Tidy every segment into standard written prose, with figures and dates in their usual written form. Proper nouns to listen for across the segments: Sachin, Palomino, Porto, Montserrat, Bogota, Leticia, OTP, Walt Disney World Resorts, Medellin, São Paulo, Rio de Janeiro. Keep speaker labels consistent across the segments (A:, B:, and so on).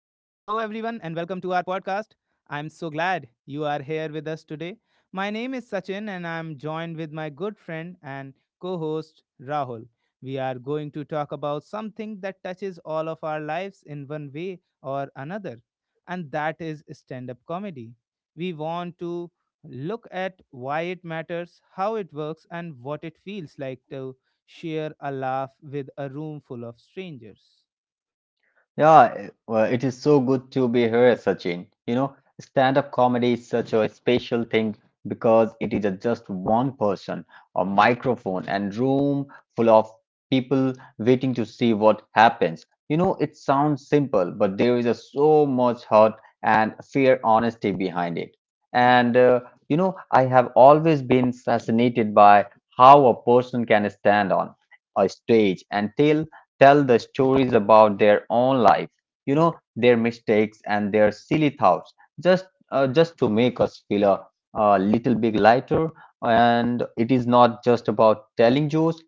A: and welcome to our podcast. I'm so glad you are here with us today. My name is Sachin, and I'm joined with my good friend and co host Rahul. We are going to talk about something that touches all of our lives in one way or another, and that is stand up comedy. We want to look at why it matters, how it works, and what it feels like to share a laugh with a room full of strangers.
B: Yeah, well, it is so good to be here, Sachin. You know, stand-up comedy is such a special thing because it is a just one person, a microphone, and room full of people waiting to see what happens. You know, it sounds simple, but there is a so much heart and fair honesty behind it. And You know, I have always been fascinated by how a person can stand on a stage and tell the stories about their own life, you know, their mistakes and their silly thoughts, just just to make us feel a little bit lighter. And it is not just about telling jokes;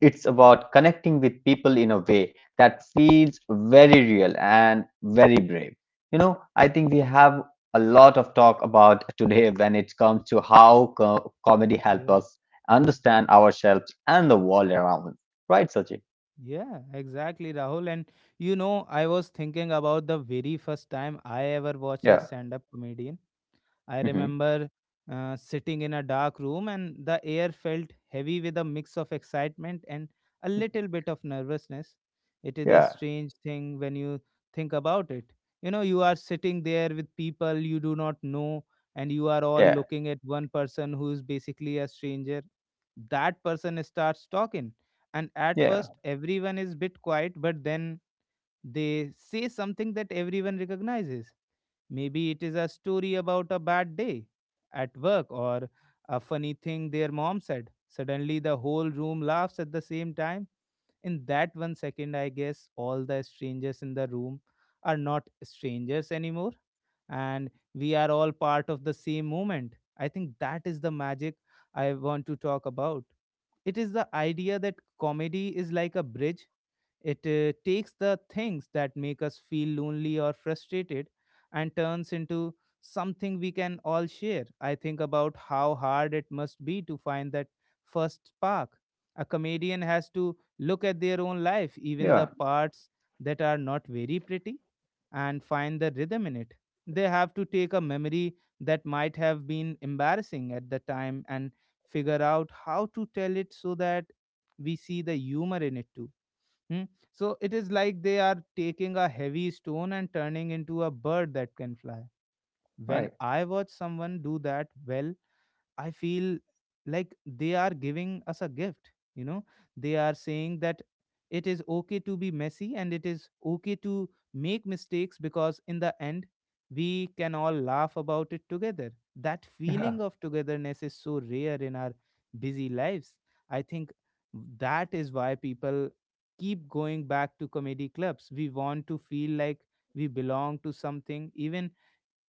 B: it's about connecting with people in a way that feels very real and very brave. You know, I think we have a lot of talk about today when it comes to how comedy helps us understand ourselves and the world around us. Right, Sachin?
A: Yeah, exactly, Rahul. And you know, I was thinking about the very first time I ever watched a
B: Yeah.
A: stand up comedian. I remember sitting in a dark room, and the air felt heavy with a mix of excitement and a little bit of nervousness. It is a
B: Yeah,
A: strange thing when you think about it. You know, you are sitting there with people you do not know, and you are all
B: yeah,
A: looking at one person who is basically a stranger. That person starts talking, and at
B: yeah,
A: first, everyone is bit quiet, but then they say something that everyone recognizes. Maybe it is a story about a bad day at work or a funny thing their mom said. Suddenly, the whole room laughs at the same time. In that one second, I guess all the strangers in the room are not strangers anymore, and we are all part of the same moment. I think that is the magic I want to talk about. It is the idea that comedy is like a bridge. It takes the things that make us feel lonely or frustrated and turns into something we can all share. I think about how hard it must be to find that first spark. A comedian has to look at their own life, even the
B: yeah,
A: parts that are not very pretty, and find the rhythm in it. They have to take a memory that might have been embarrassing at the time and figure out how to tell it so that we see the humor in it too. Hmm? So it is like they are taking a heavy stone and turning into a bird that can fly. When
B: right,
A: I watch someone do that well, I feel like they are giving us a gift. You know, they are saying that it is okay to be messy and it is okay to make mistakes because in the end, we can all laugh about it together. That
B: yeah,
A: feeling of togetherness is so rare in our busy lives. I think that is why people keep going back to comedy clubs. We want to feel like we belong to something, even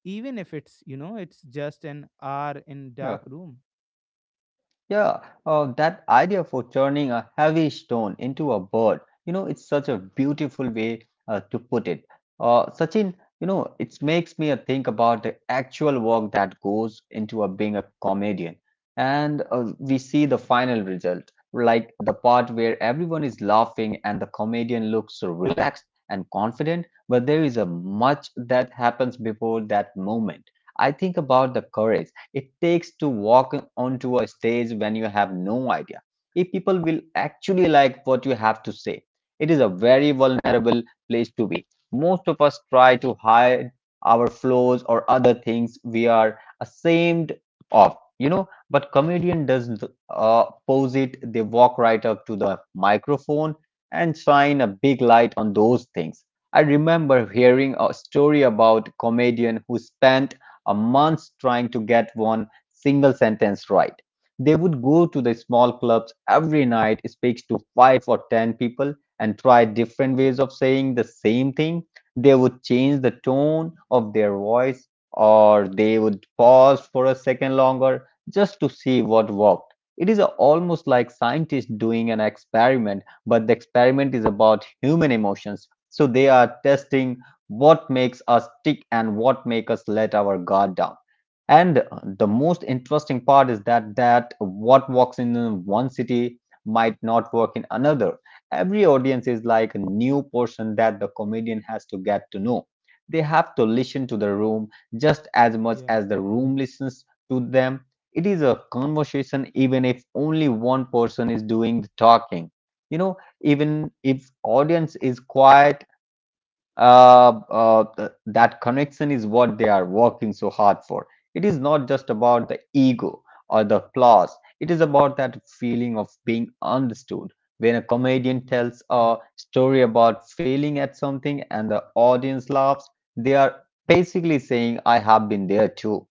A: even if it's, you know, it's just an hour in
B: yeah.
A: dark room.
B: Yeah, that idea for turning a heavy stone into a bird, you know, it's such a beautiful way to put it. Sachin, you know, it makes me think about the actual work that goes into a, being a comedian. And We see the final result, like the part where everyone is laughing and the comedian looks relaxed and confident, but there is a much that happens before that moment. I think about the courage it takes to walk onto a stage when you have no idea if people will actually like what you have to say. It is a very vulnerable place to be. Most of us try to hide our flaws or other things we are ashamed of, you know, but comedian doesn't pose it. They walk right up to the microphone and shine a big light on those things. I remember hearing a story about a comedian who spent a month trying to get one single sentence right. They would go to the small clubs every night, speak to five or ten people, and try different ways of saying the same thing. They would change the tone of their voice, or they would pause for a second longer just to see what worked. It is almost like scientists doing an experiment, but the experiment is about human emotions. So they are testing what makes us tick and what make us let our guard down, and the most interesting part is that what works in one city might not work in another. Every audience is like a new person that the comedian has to get to know. They have to listen to the room just as much
A: Yeah,
B: as the room listens to them. It is a conversation even if only one person is doing the talking. You know, even if audience is quiet, that connection is what they are working so hard for. It is not just about the ego or the flaws. It is about that feeling of being understood. When a comedian
A: yeah,
B: tells a story about failing at something and the audience laughs, they are basically saying, I have been there too.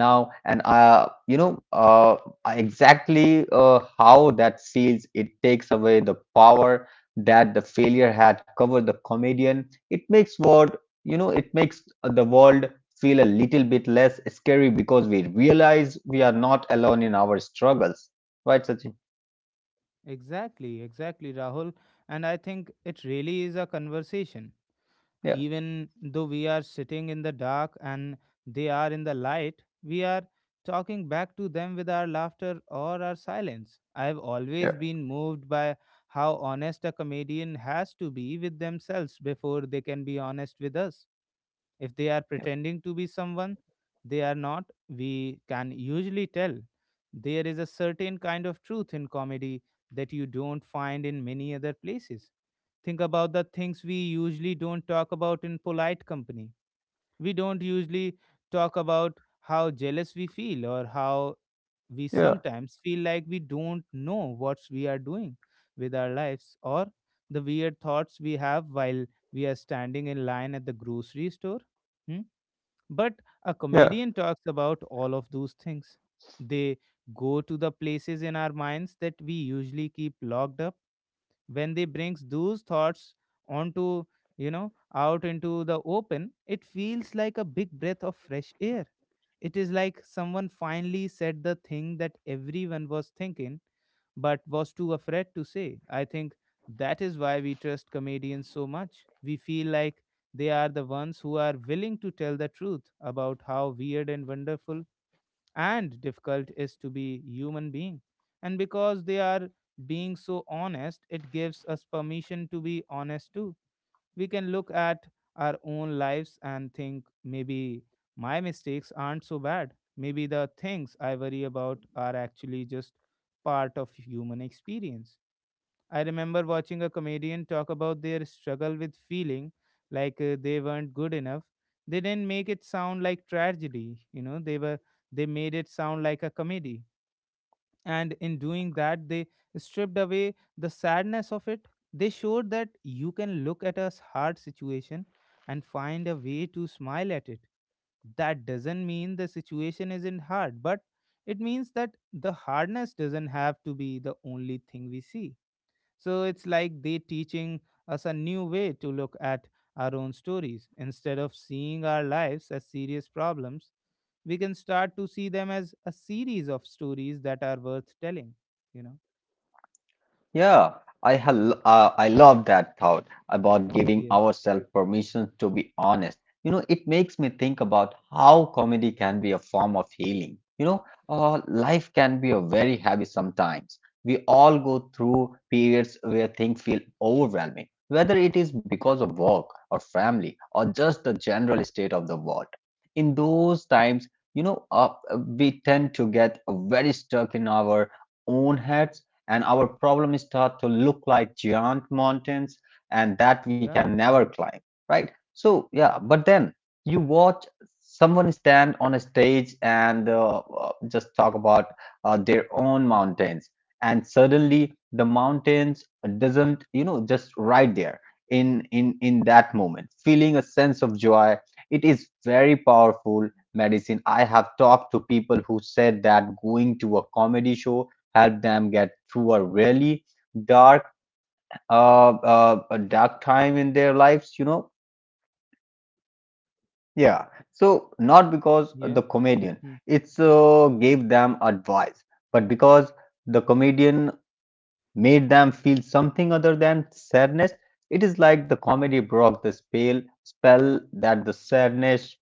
B: Now, and you know exactly how that feels. It takes away the power that the failure had covered the comedian. It makes world, you know, it makes the world feel a little bit less scary because we realize we are not alone in our struggles. Right, Sachin?
A: exactly, exactly, Rahul. And I think it really is a conversation.
B: Yeah.
A: Even though we are sitting in the dark and they are in the light, we are talking back to them with our laughter or our silence. I have always
B: Yeah.
A: been moved by how honest a comedian has to be with themselves before they can be honest with us. If they are pretending to be someone they are not, we can usually tell. There is a certain kind of truth in comedy that you don't find in many other places. Think about the things we usually don't talk about in polite company. We don't usually talk about how jealous we feel or how we
B: Yeah,
A: sometimes feel like we don't know what we are doing with our lives or the weird thoughts we have while we are standing in line at the grocery store. Hmm? But a
B: yeah.
A: comedian talks about all of those things. They go to the places in our minds that we usually keep locked up. When they brings those thoughts onto, you know, out into the open, it feels like a big breath of fresh air. It is like someone finally said the thing that everyone was thinking but was too afraid to say. I think that is why we trust comedians so much. We feel like they are the ones who are willing to tell the truth about how weird and wonderful and difficult is to be human being. And because they are being so honest, it gives us permission to be honest too. We can look at our own lives and think maybe my mistakes aren't so bad, maybe the things I worry about are actually just part of human experience. I remember watching a comedian talk about their struggle with feeling like they weren't good enough. They didn't make it sound like tragedy, you know, they made it sound like a comedy. And in doing that, they stripped away the sadness of it. They showed that you can look at a hard situation and find a way to smile at it. That doesn't mean the situation isn't hard, but it means that the hardness doesn't have to be the only thing we see. So it's like they teaching us a new way to look at our own stories. Instead of seeing our lives as serious problems, we can start to see them as a series of stories that are worth telling. You know?
B: Yeah, I ha I love that thought about giving
A: Yeah.
B: ourselves permission to be honest. You know, it makes me think about how comedy can be a form of healing. You know, life can be a very heavy sometimes. We all go through periods where things feel overwhelming, whether it is because of work or family or just the general state of the world. In those times, we tend to get very stuck in our own heads, and our problem start to look like giant mountains and that we can
A: Yeah.
B: never climb. Right, so yeah, but then you watch someone stand on a stage and just talk about their own mountains, and suddenly the mountains doesn't, you know, just right there in that moment feeling a sense of joy. It is very powerful medicine. I have talked to people who said that going to a comedy show help them get through a really dark a dark time in their lives, you know. Yeah. So not because the
A: Yeah.
B: comedian
A: Hmm.
B: it's gave them advice, but because the comedian made them feel something other than sadness. It is like the comedy broke the spell that the sadness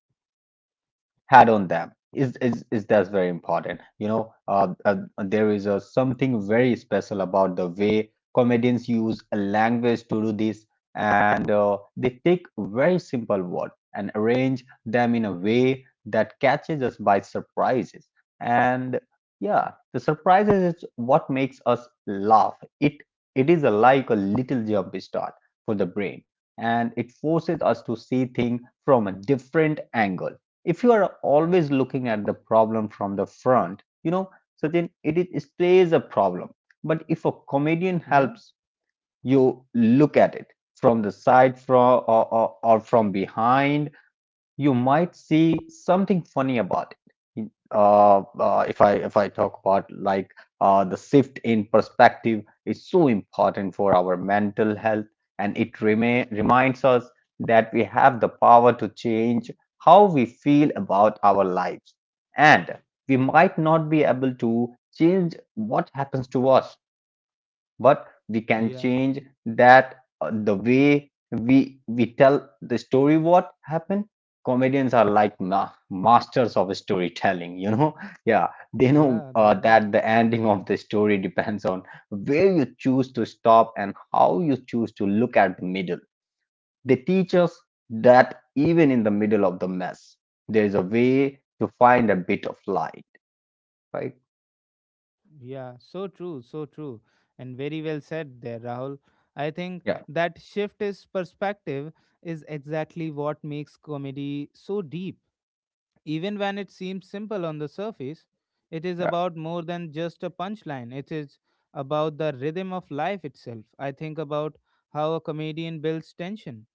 B: had on them. Is That's very important, you know. There is a something very special about the way comedians use a language to do this, and they take very simple word and arrange them in a way that catches us by surprises, and yeah, the surprises is what makes us laugh. It is a, like a little jump start for the brain, and it forces us to see things from a different angle. If you are always looking at the problem from the front, you know, Sachin, it stays a problem. But if a comedian
A: Yeah.
B: helps you look at it from the side, from, or from behind, you might see something funny about it. If I talk about like the shift in perspective is so important for our mental health, and it reminds us that we have the power to change how we feel about our lives, and we might not be able to change what happens to us, but we can
A: Yeah.
B: change that, the way we tell the story what happened. Comedians are like masters of storytelling, you know. Yeah, they know
A: Yeah. They are.
B: that the ending of the story depends on where you choose to stop and how you choose to look at the middle. They teach us that even in the middle of the mess, there is a way to find a bit of light. Right.
A: Yeah. So true. So true. And very well said there, Rahul. I think
B: Yeah,
A: that shift is perspective is exactly what makes comedy so deep. Even when it seems simple on the surface, it is
B: yeah,
A: about more than just a punchline. It is about the rhythm of life itself. I think about how a comedian builds tension.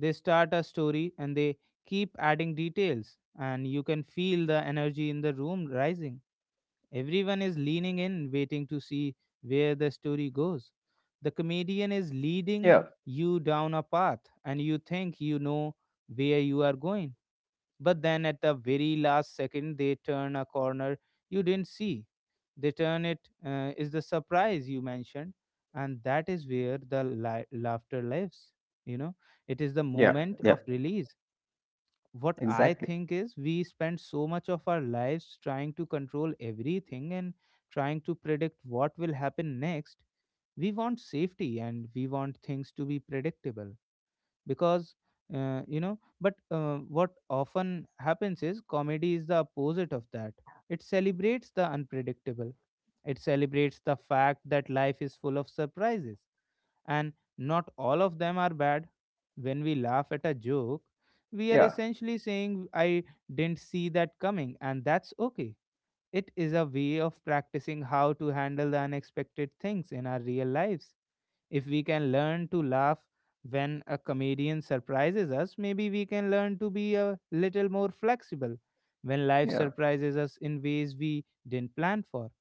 A: They start a story and they keep adding details, and you can feel the energy in the room rising. Everyone is leaning in, waiting to see where the story goes. The comedian is leading
B: yeah,
A: you down a path, and you think you know where you are going but then at the very last second, they turn a corner you didn't see. They turn it is the surprise you mentioned, and that is where the laughter lives. You know, it is the
B: yeah,
A: moment of
B: yeah,
A: release. What I
B: exactly,
A: think is, we spend so much of our lives trying to control everything and trying to predict what will happen next. We want safety and we want things to be predictable because, you know, but what often happens is comedy is the opposite of that. It celebrates the unpredictable. It celebrates the fact that life is full of surprises and not all of them are bad. When we laugh at a joke, we are
B: yeah,
A: essentially saying I didn't see that coming and that's okay. It is a way of practicing how to handle the unexpected things in our real lives. If we can learn to laugh when a comedian surprises us, maybe we can learn to be a little more flexible when life
B: yeah,
A: surprises us in ways we didn't plan for.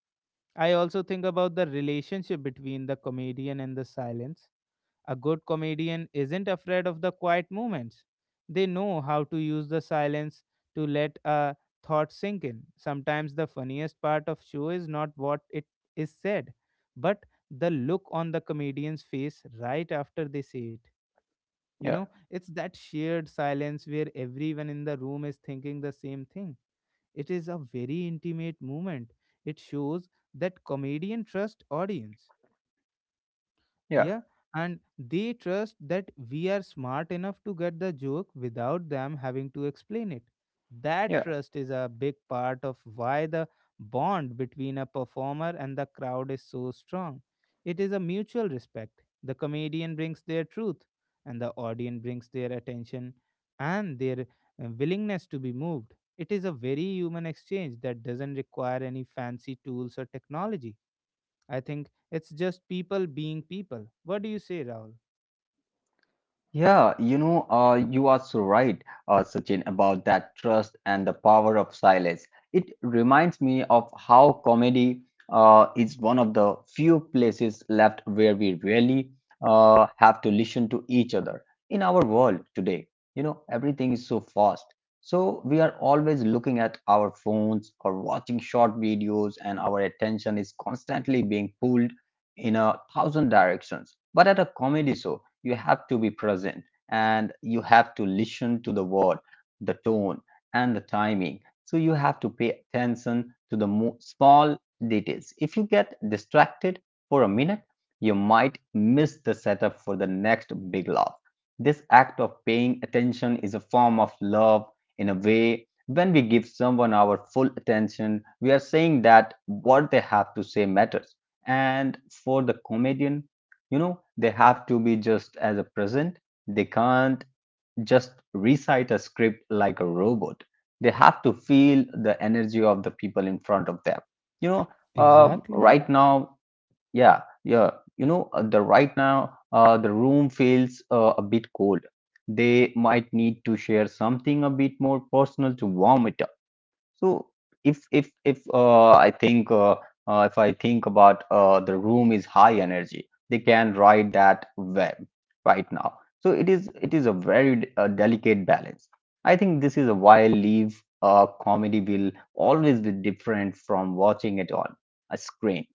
A: I also think about the relationship between the comedian and the silence. A good comedian isn't afraid of the quiet moments. They know how to use the silence to let a thought sink in. Sometimes the funniest part of show is not what it is said, but the look on the comedian's face right after they say it. You
B: yeah.
A: know, it's that shared silence where everyone in the room is thinking the same thing. It is a very intimate moment. It shows that comedian trust audience,
B: Yeah,
A: yeah, and they trust that we are smart enough to get the joke without them having to explain it. That
B: yeah,
A: trust is a big part of why the bond between a performer and the crowd is so strong. It is a mutual respect. The comedian brings their truth, and the audience brings their attention and their willingness to be moved. It is a very human exchange that doesn't require any fancy tools or technology. I think it's just people being people. What do you say, Rahul?
B: yeah. You know, you are so right, Sachin, about that trust and the power of silence. It reminds me of how comedy is one of the few places left where we really have to listen to each other. In our world today, you know, everything is so fast. So we are always looking at our phones or watching short videos, and our attention is constantly being pulled in a thousand directions. But at a comedy show, you have to be present, and you have to listen to the word, the tone, and the timing. So you have to pay attention to the small details. If you get distracted for a minute, you might miss the setup for the next big laugh. This act of paying attention is a form of love in a way. When we give someone our full attention, we are saying that what they have to say matters. And for the comedian, you know, they have to be just as a present. They can't just recite a script like a robot. They have to feel the energy of the people in front of them. You know,
A: Exactly.
B: right now, yeah, yeah, you know, the right now, the room feels a bit cold. They might need to share something a bit more personal to warm it. So if if if uh, I think uh, if I think about the room is high energy, they can ride that web right now. So it is a very delicate balance. I think this is a wild leave comedy will always be different from watching it on a screen.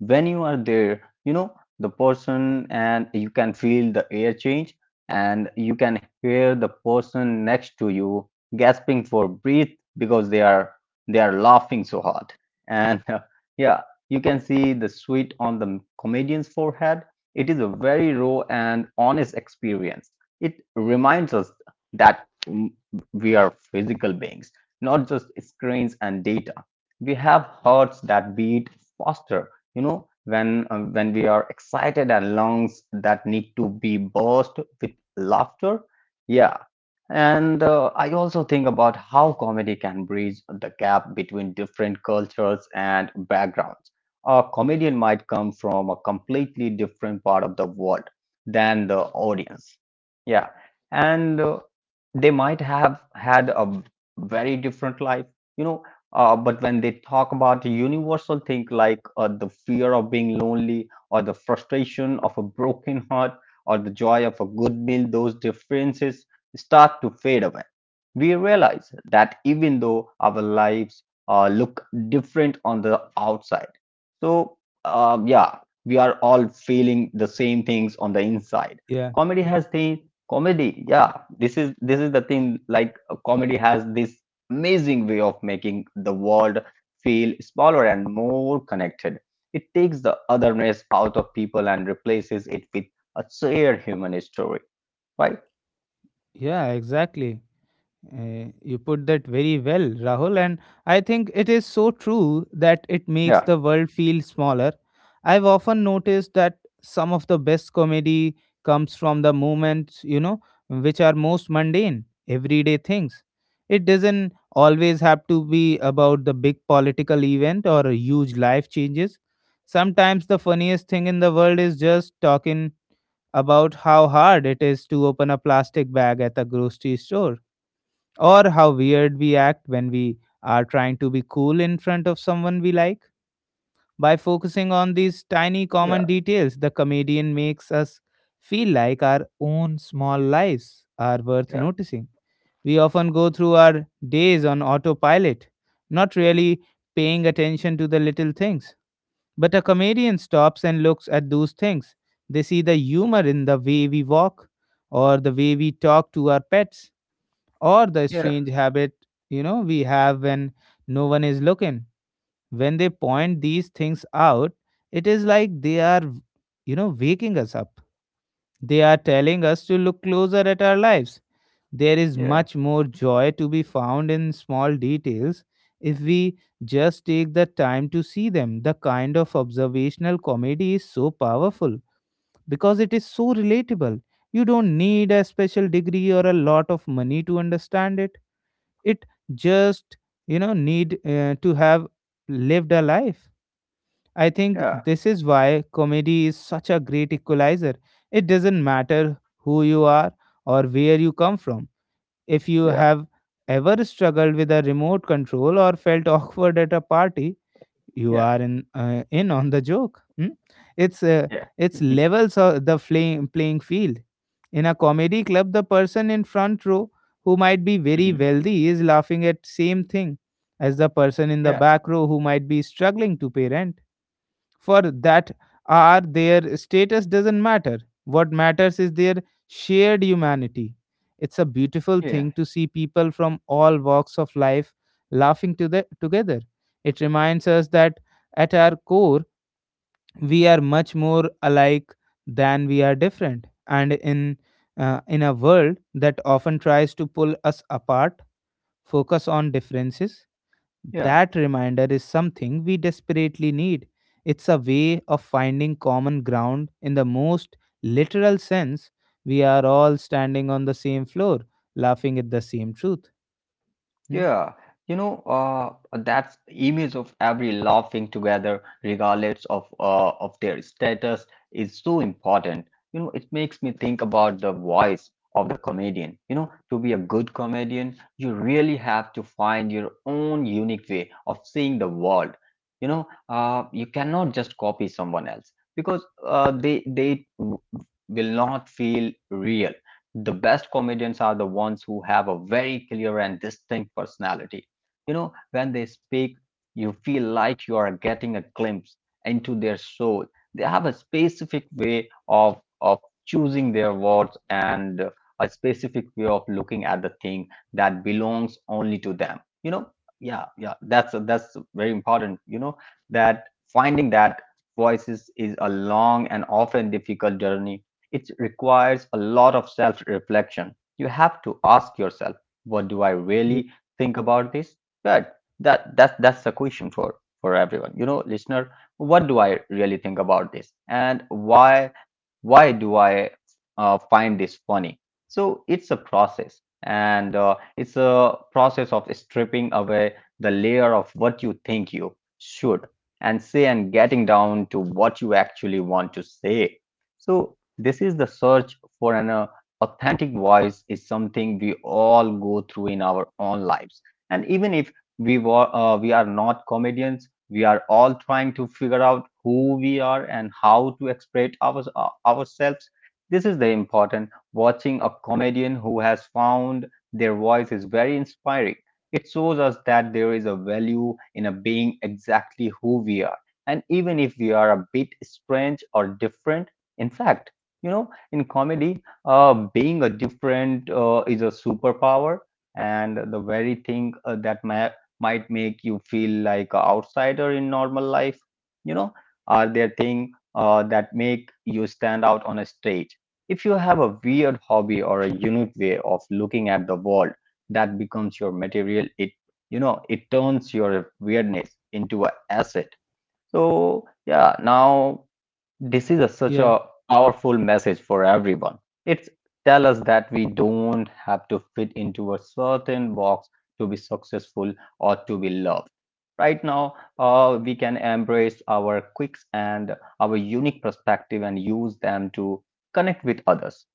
B: When you are there, you know, the person, and you can feel the air change, and you can hear the person next to you gasping for breath because they are laughing so hard, and yeah, you can see the sweat on the comedian's forehead. It is a very raw and honest experience. It reminds us that we are physical beings, not just screens and data. We have hearts that beat faster, you know, when we are excited, and lungs that need to be burst with laughter. Yeah. And I also think about how comedy can bridge the gap between different cultures and backgrounds. A comedian might come from a completely different part of the world than the audience. Yeah. And They might have had a very different life, you know. But when they talk about a universal thing like the fear of being lonely, or the frustration of a broken heart, or the joy of a good meal, those differences start to fade away. We realize that even though our lives look different on the outside, so um, yeah, we are all feeling the same things on the inside.
A: Yeah.
B: Comedy has thing comedy yeah This is the thing. Comedy has this amazing way of making the world feel smaller and more connected. It takes the otherness out of people and replaces it with a shared human story, right?
A: Yeah, exactly. You put that very well, Rahul, and I think it is so true that it makes
B: Yeah,
A: the world feel smaller. I've often noticed that some of the best comedy comes from the moments, you know, which are most mundane, everyday things. It doesn't always have to be about the big political event or huge life changes. Sometimes the funniest thing in the world is just talking about how hard it is to open a plastic bag at the grocery store or how weird we act when we are trying to be cool in front of someone we like. By focusing on these tiny common
B: yeah,
A: details, the comedian makes us feel like our own small lives are worth
B: yeah,
A: noticing. We often go through our days on autopilot, not really paying attention to the little things. But a comedian stops and looks at those things. They see the humor in the way we walk, or the way we talk to our pets, or the
B: yeah,
A: strange habit we have when no one is looking. When they point these things out, it is like they are waking us up. They are telling us to look closer at our lives. There is
B: yeah,
A: much more joy to be found in small details if we just take the time to see them. The kind of observational comedy is so powerful because it is so relatable. You don't need a special degree or a lot of money to understand it. It just need to have lived a life, I think.
B: yeah,
A: This is why comedy is such a great equalizer. It doesn't matter who you are or where you come from. If you
B: yeah,
A: have ever struggled with a remote control or felt awkward at a party, you
B: yeah,
A: are in in on the joke. Hmm? it's uh,
B: yeah.
A: it's
B: Mhm.
A: levels of the flame, playing field. In a comedy club, the person in front row who might be very
B: Mhm.
A: wealthy is laughing at same thing as the person in the
B: Yeah,
A: back row who might be struggling to pay rent for that. Are their status doesn't matter. What matters is their shared humanity. It's a beautiful
B: yeah,
A: thing to see people from all walks of life laughing to the, together. It reminds us that at our core we are much more alike than we are different. And in a world that often tries to pull us apart, focus on differences,
B: yeah.
A: that reminder is something we desperately need. It's a way of finding common ground in the most literal sense. We are all standing on the same floor, laughing at the same truth. Hmm?
B: Yeah, that's image of every laughing together, regardless of of their status, is so important. You know, it makes me think about the voice of the comedian. You know, to be a good comedian, you really have to find your own unique way of seeing the world. You cannot just copy someone else because will not feel real. The best comedians are the ones who have a very clear and distinct personality. You know, when they speak, you feel like you are getting a glimpse into their soul. They have a specific way of choosing their words and a specific way of looking at the thing that belongs only to them. You know, yeah, yeah, that's very important. You know, that finding that voices is a long and often difficult journey. It requires a lot of self reflection. You have to ask yourself, what do I
A: Yeah,
B: really think about this? But that's the question for everyone. You know, listener, what do I really think about this? And why do I find this funny? So it's a process, and it's a process of stripping away the layer of what you think you should and say and getting down to what you actually want to say. So this is the search for an authentic voice is something we all go through in our own lives. And even if we are not comedians, we are all trying to figure out who we are and how to express ourselves. This is the important watching a comedian who has found their voice is very inspiring. It shows us that there is a value in a being exactly who we are, and even if we are a bit strange or different. In fact, you know, in comedy, being a different is a superpower, and the very thing that ma might make you feel like an outsider in normal life. You know, are there things that make you stand out on a stage? If you have a weird hobby or a unique way of looking at the world, that becomes your material. You know, it turns your weirdness into an asset. So, yeah, now this is a, such
A: yeah,
B: a powerful message for everyone. It tells us that we don't have to fit into a certain box to be successful or to be loved. Right now, we can embrace our quirks and our unique perspective and use them to connect with others.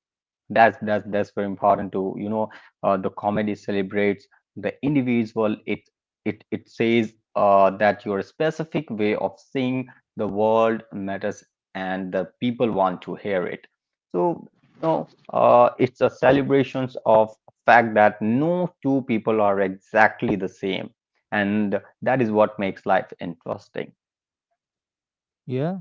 B: That's very important to you know The comedy celebrates the individual. It says that your specific way of seeing the world matters and the people want to hear it. So you know it's a celebrations of fact that no two people are exactly the same, and that is what makes life interesting.
A: yeah.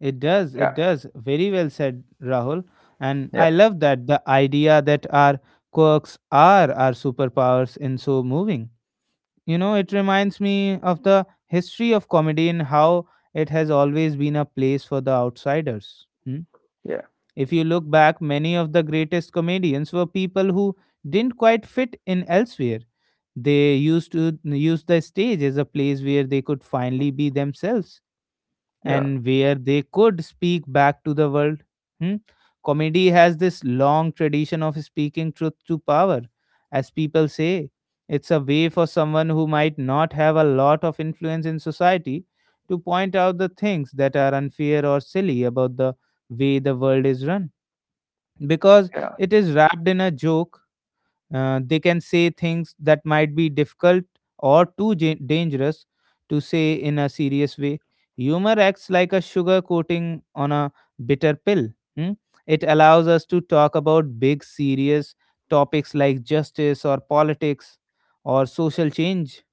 A: It does. It
B: Yeah,
A: does. Very well said, Rahul. And I
B: yeah,
A: love that the idea that our quirks are our superpowers in so moving. You know, it reminds me of the history of comedy and how it has always been a place for the outsiders. Hmm?
B: yeah,
A: If you look back, many of the greatest comedians were people who didn't quite fit in elsewhere. They used to use the stage as a place where they could finally be themselves
B: yeah,
A: and where they could speak back to the world. Hmm? Comedy has this long tradition of speaking truth to power, as people say. It's a way for someone who might not have a lot of influence in society to point out the things that are unfair or silly about the way the world is run. Because
B: yeah,
A: it is wrapped in a joke, they can say things that might be difficult or dangerous to say in a serious way. Humor acts like a sugar coating on a bitter pill. Hmm? It allows us to talk about big, serious topics like justice or politics or social change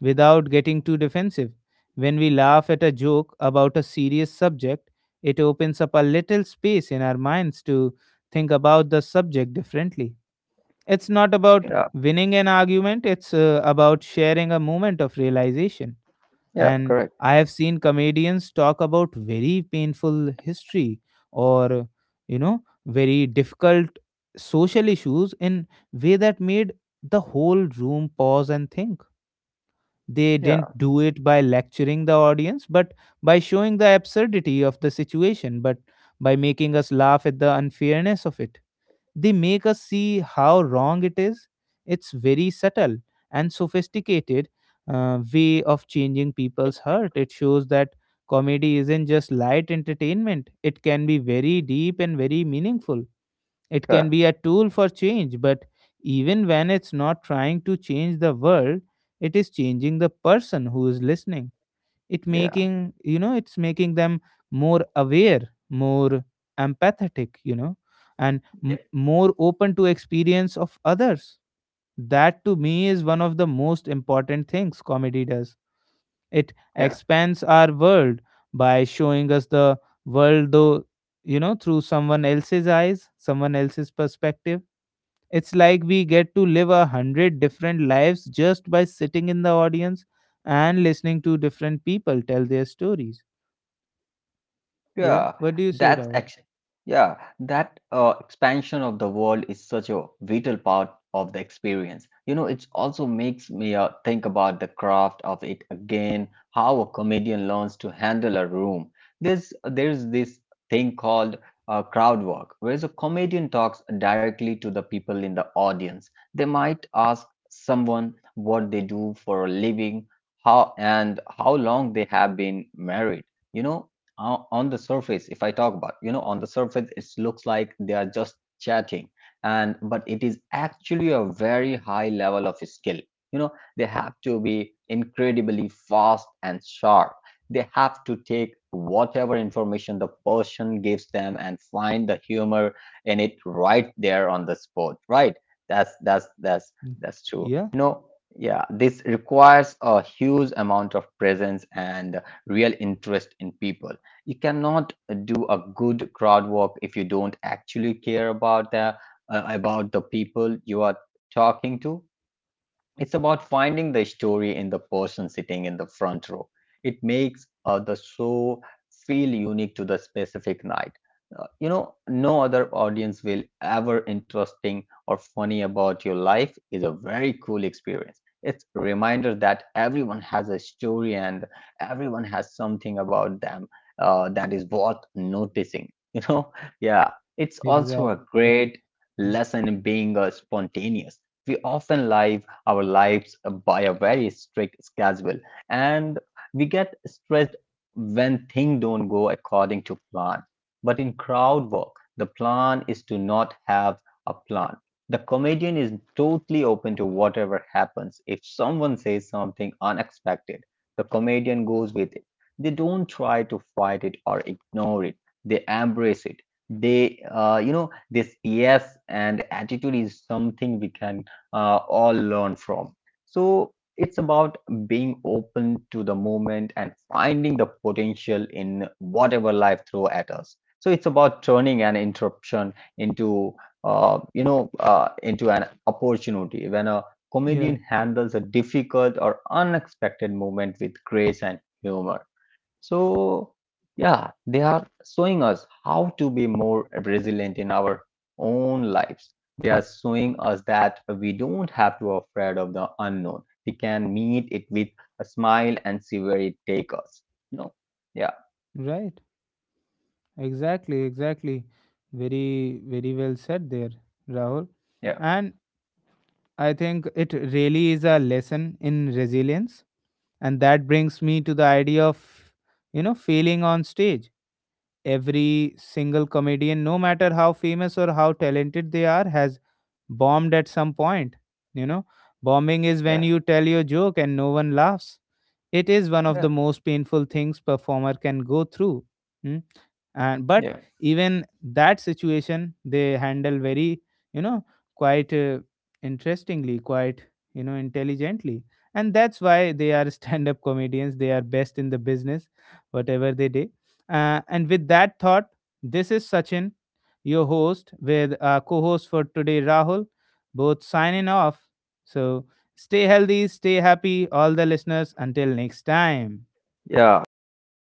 A: without getting too defensive. When we laugh at a joke about a serious subject, it opens up a little space in our minds to think about the subject differently. It's not about
B: yeah,
A: winning an argument, it's about sharing a moment of realization.
B: yeah.
A: And
B: Correct.
A: I have seen comedians talk about very painful history, or, you know, very difficult social issues in way that made the whole room pause and think. They didn't
B: Yeah,
A: do it by lecturing the audience, but by showing the absurdity of the situation, but by making us laugh at the unfairness of it. They make us see how wrong it is. It's very subtle and sophisticated way of changing people's heart. It shows that comedy isn't just light entertainment, it can be very deep and very meaningful. It can
B: yeah,
A: be a tool for change. But even when it's not trying to change the world, it is changing the person who is listening. It
B: yeah,
A: making it's making them more aware, more empathetic, you know, and
B: yeah.
A: more open to experience of others. That to me is one of the most important things comedy does. It
B: Yeah.
A: expands our world by showing us the world though, through someone else's eyes, someone else's perspective. It's like we get to live a hundred different lives just by sitting in the audience and listening to different people tell their stories. Yeah.
B: Yeah,
A: What do you say,
B: that's
A: Rahul?
B: actually, yeah, that expansion of the world is such a vital part of the experience. You know, it also makes me think about the craft of it again, how a comedian learns to handle a room. There's this thing called crowd work, where the comedian talks directly to the people in the audience. They might ask someone what they do for a living, how and how long they have been married. You know, on the surface if I talk about you know on the surface it looks like they are just chatting and but it is actually a very high level of skill. You know, they have to be incredibly fast and sharp. They have to take whatever information the person gives them and find the humor in it right there on the spot, right? that's that's that's
A: Mm.
B: that's true,
A: Yeah.
B: you know. Yeah, this requires a huge amount of presence and real interest in people. You cannot do a good crowd work if you don't actually care about the about the people you are talking to. It's about finding the story in the person sitting in the front row. It makes the show feel unique to the specific night. You know, no other audience will ever interesting or funny about your life is a very cool experience. It's a reminder that everyone has a story and everyone has something about them that is worth noticing. You know, yeah, it's also
A: Exactly.
B: a
A: Right.
B: great
A: Yeah.
B: lesson in being spontaneous. We often live our lives by a very strict schedule, and we get stressed when things don't go according to plan. But in crowd work the plan is to not have a plan. The comedian is totally open to whatever happens. If someone says something unexpected, the comedian goes with it. They don't try to fight it or ignore it, they embrace it. They you know this yes and attitude is something we can or learn from. So it's about being open to the moment and finding the potential in whatever life throw at us. So it's about turning an interruption into into an opportunity. When a
A: Yeah.
B: comedian handles a difficult or unexpected moment with grace and humor, so, yeah, they are showing us how to be more resilient in our own lives. They are showing us that we don't have to afraid of the unknown. We can meet it with a smile and see where it takes us. No. Yeah.
A: Right. Exactly. Exactly. Very, very well said there, Rahul.
B: Yeah.
A: And I think it really is a lesson in resilience. And that brings me to the idea of, you know, failing on stage. Every single comedian, no matter how famous or how talented they are, has bombed at some point. You know, bombing is when
B: Yeah.
A: you tell your joke and no one laughs. It is one of the
B: Yeah.
A: most painful things performer can go through. Mm. And but
B: Yeah.
A: even that situation they handle very, you know, quite interestingly, quite, you know, intelligently, and that's why they are stand-up comedians. They are best in the business, whatever they do. And with that thought, this is Sachin, your host, with co-host for today, Rahul. Both signing off. So stay healthy, stay happy, all the listeners. Until next time.
B: Yeah. Goodbye.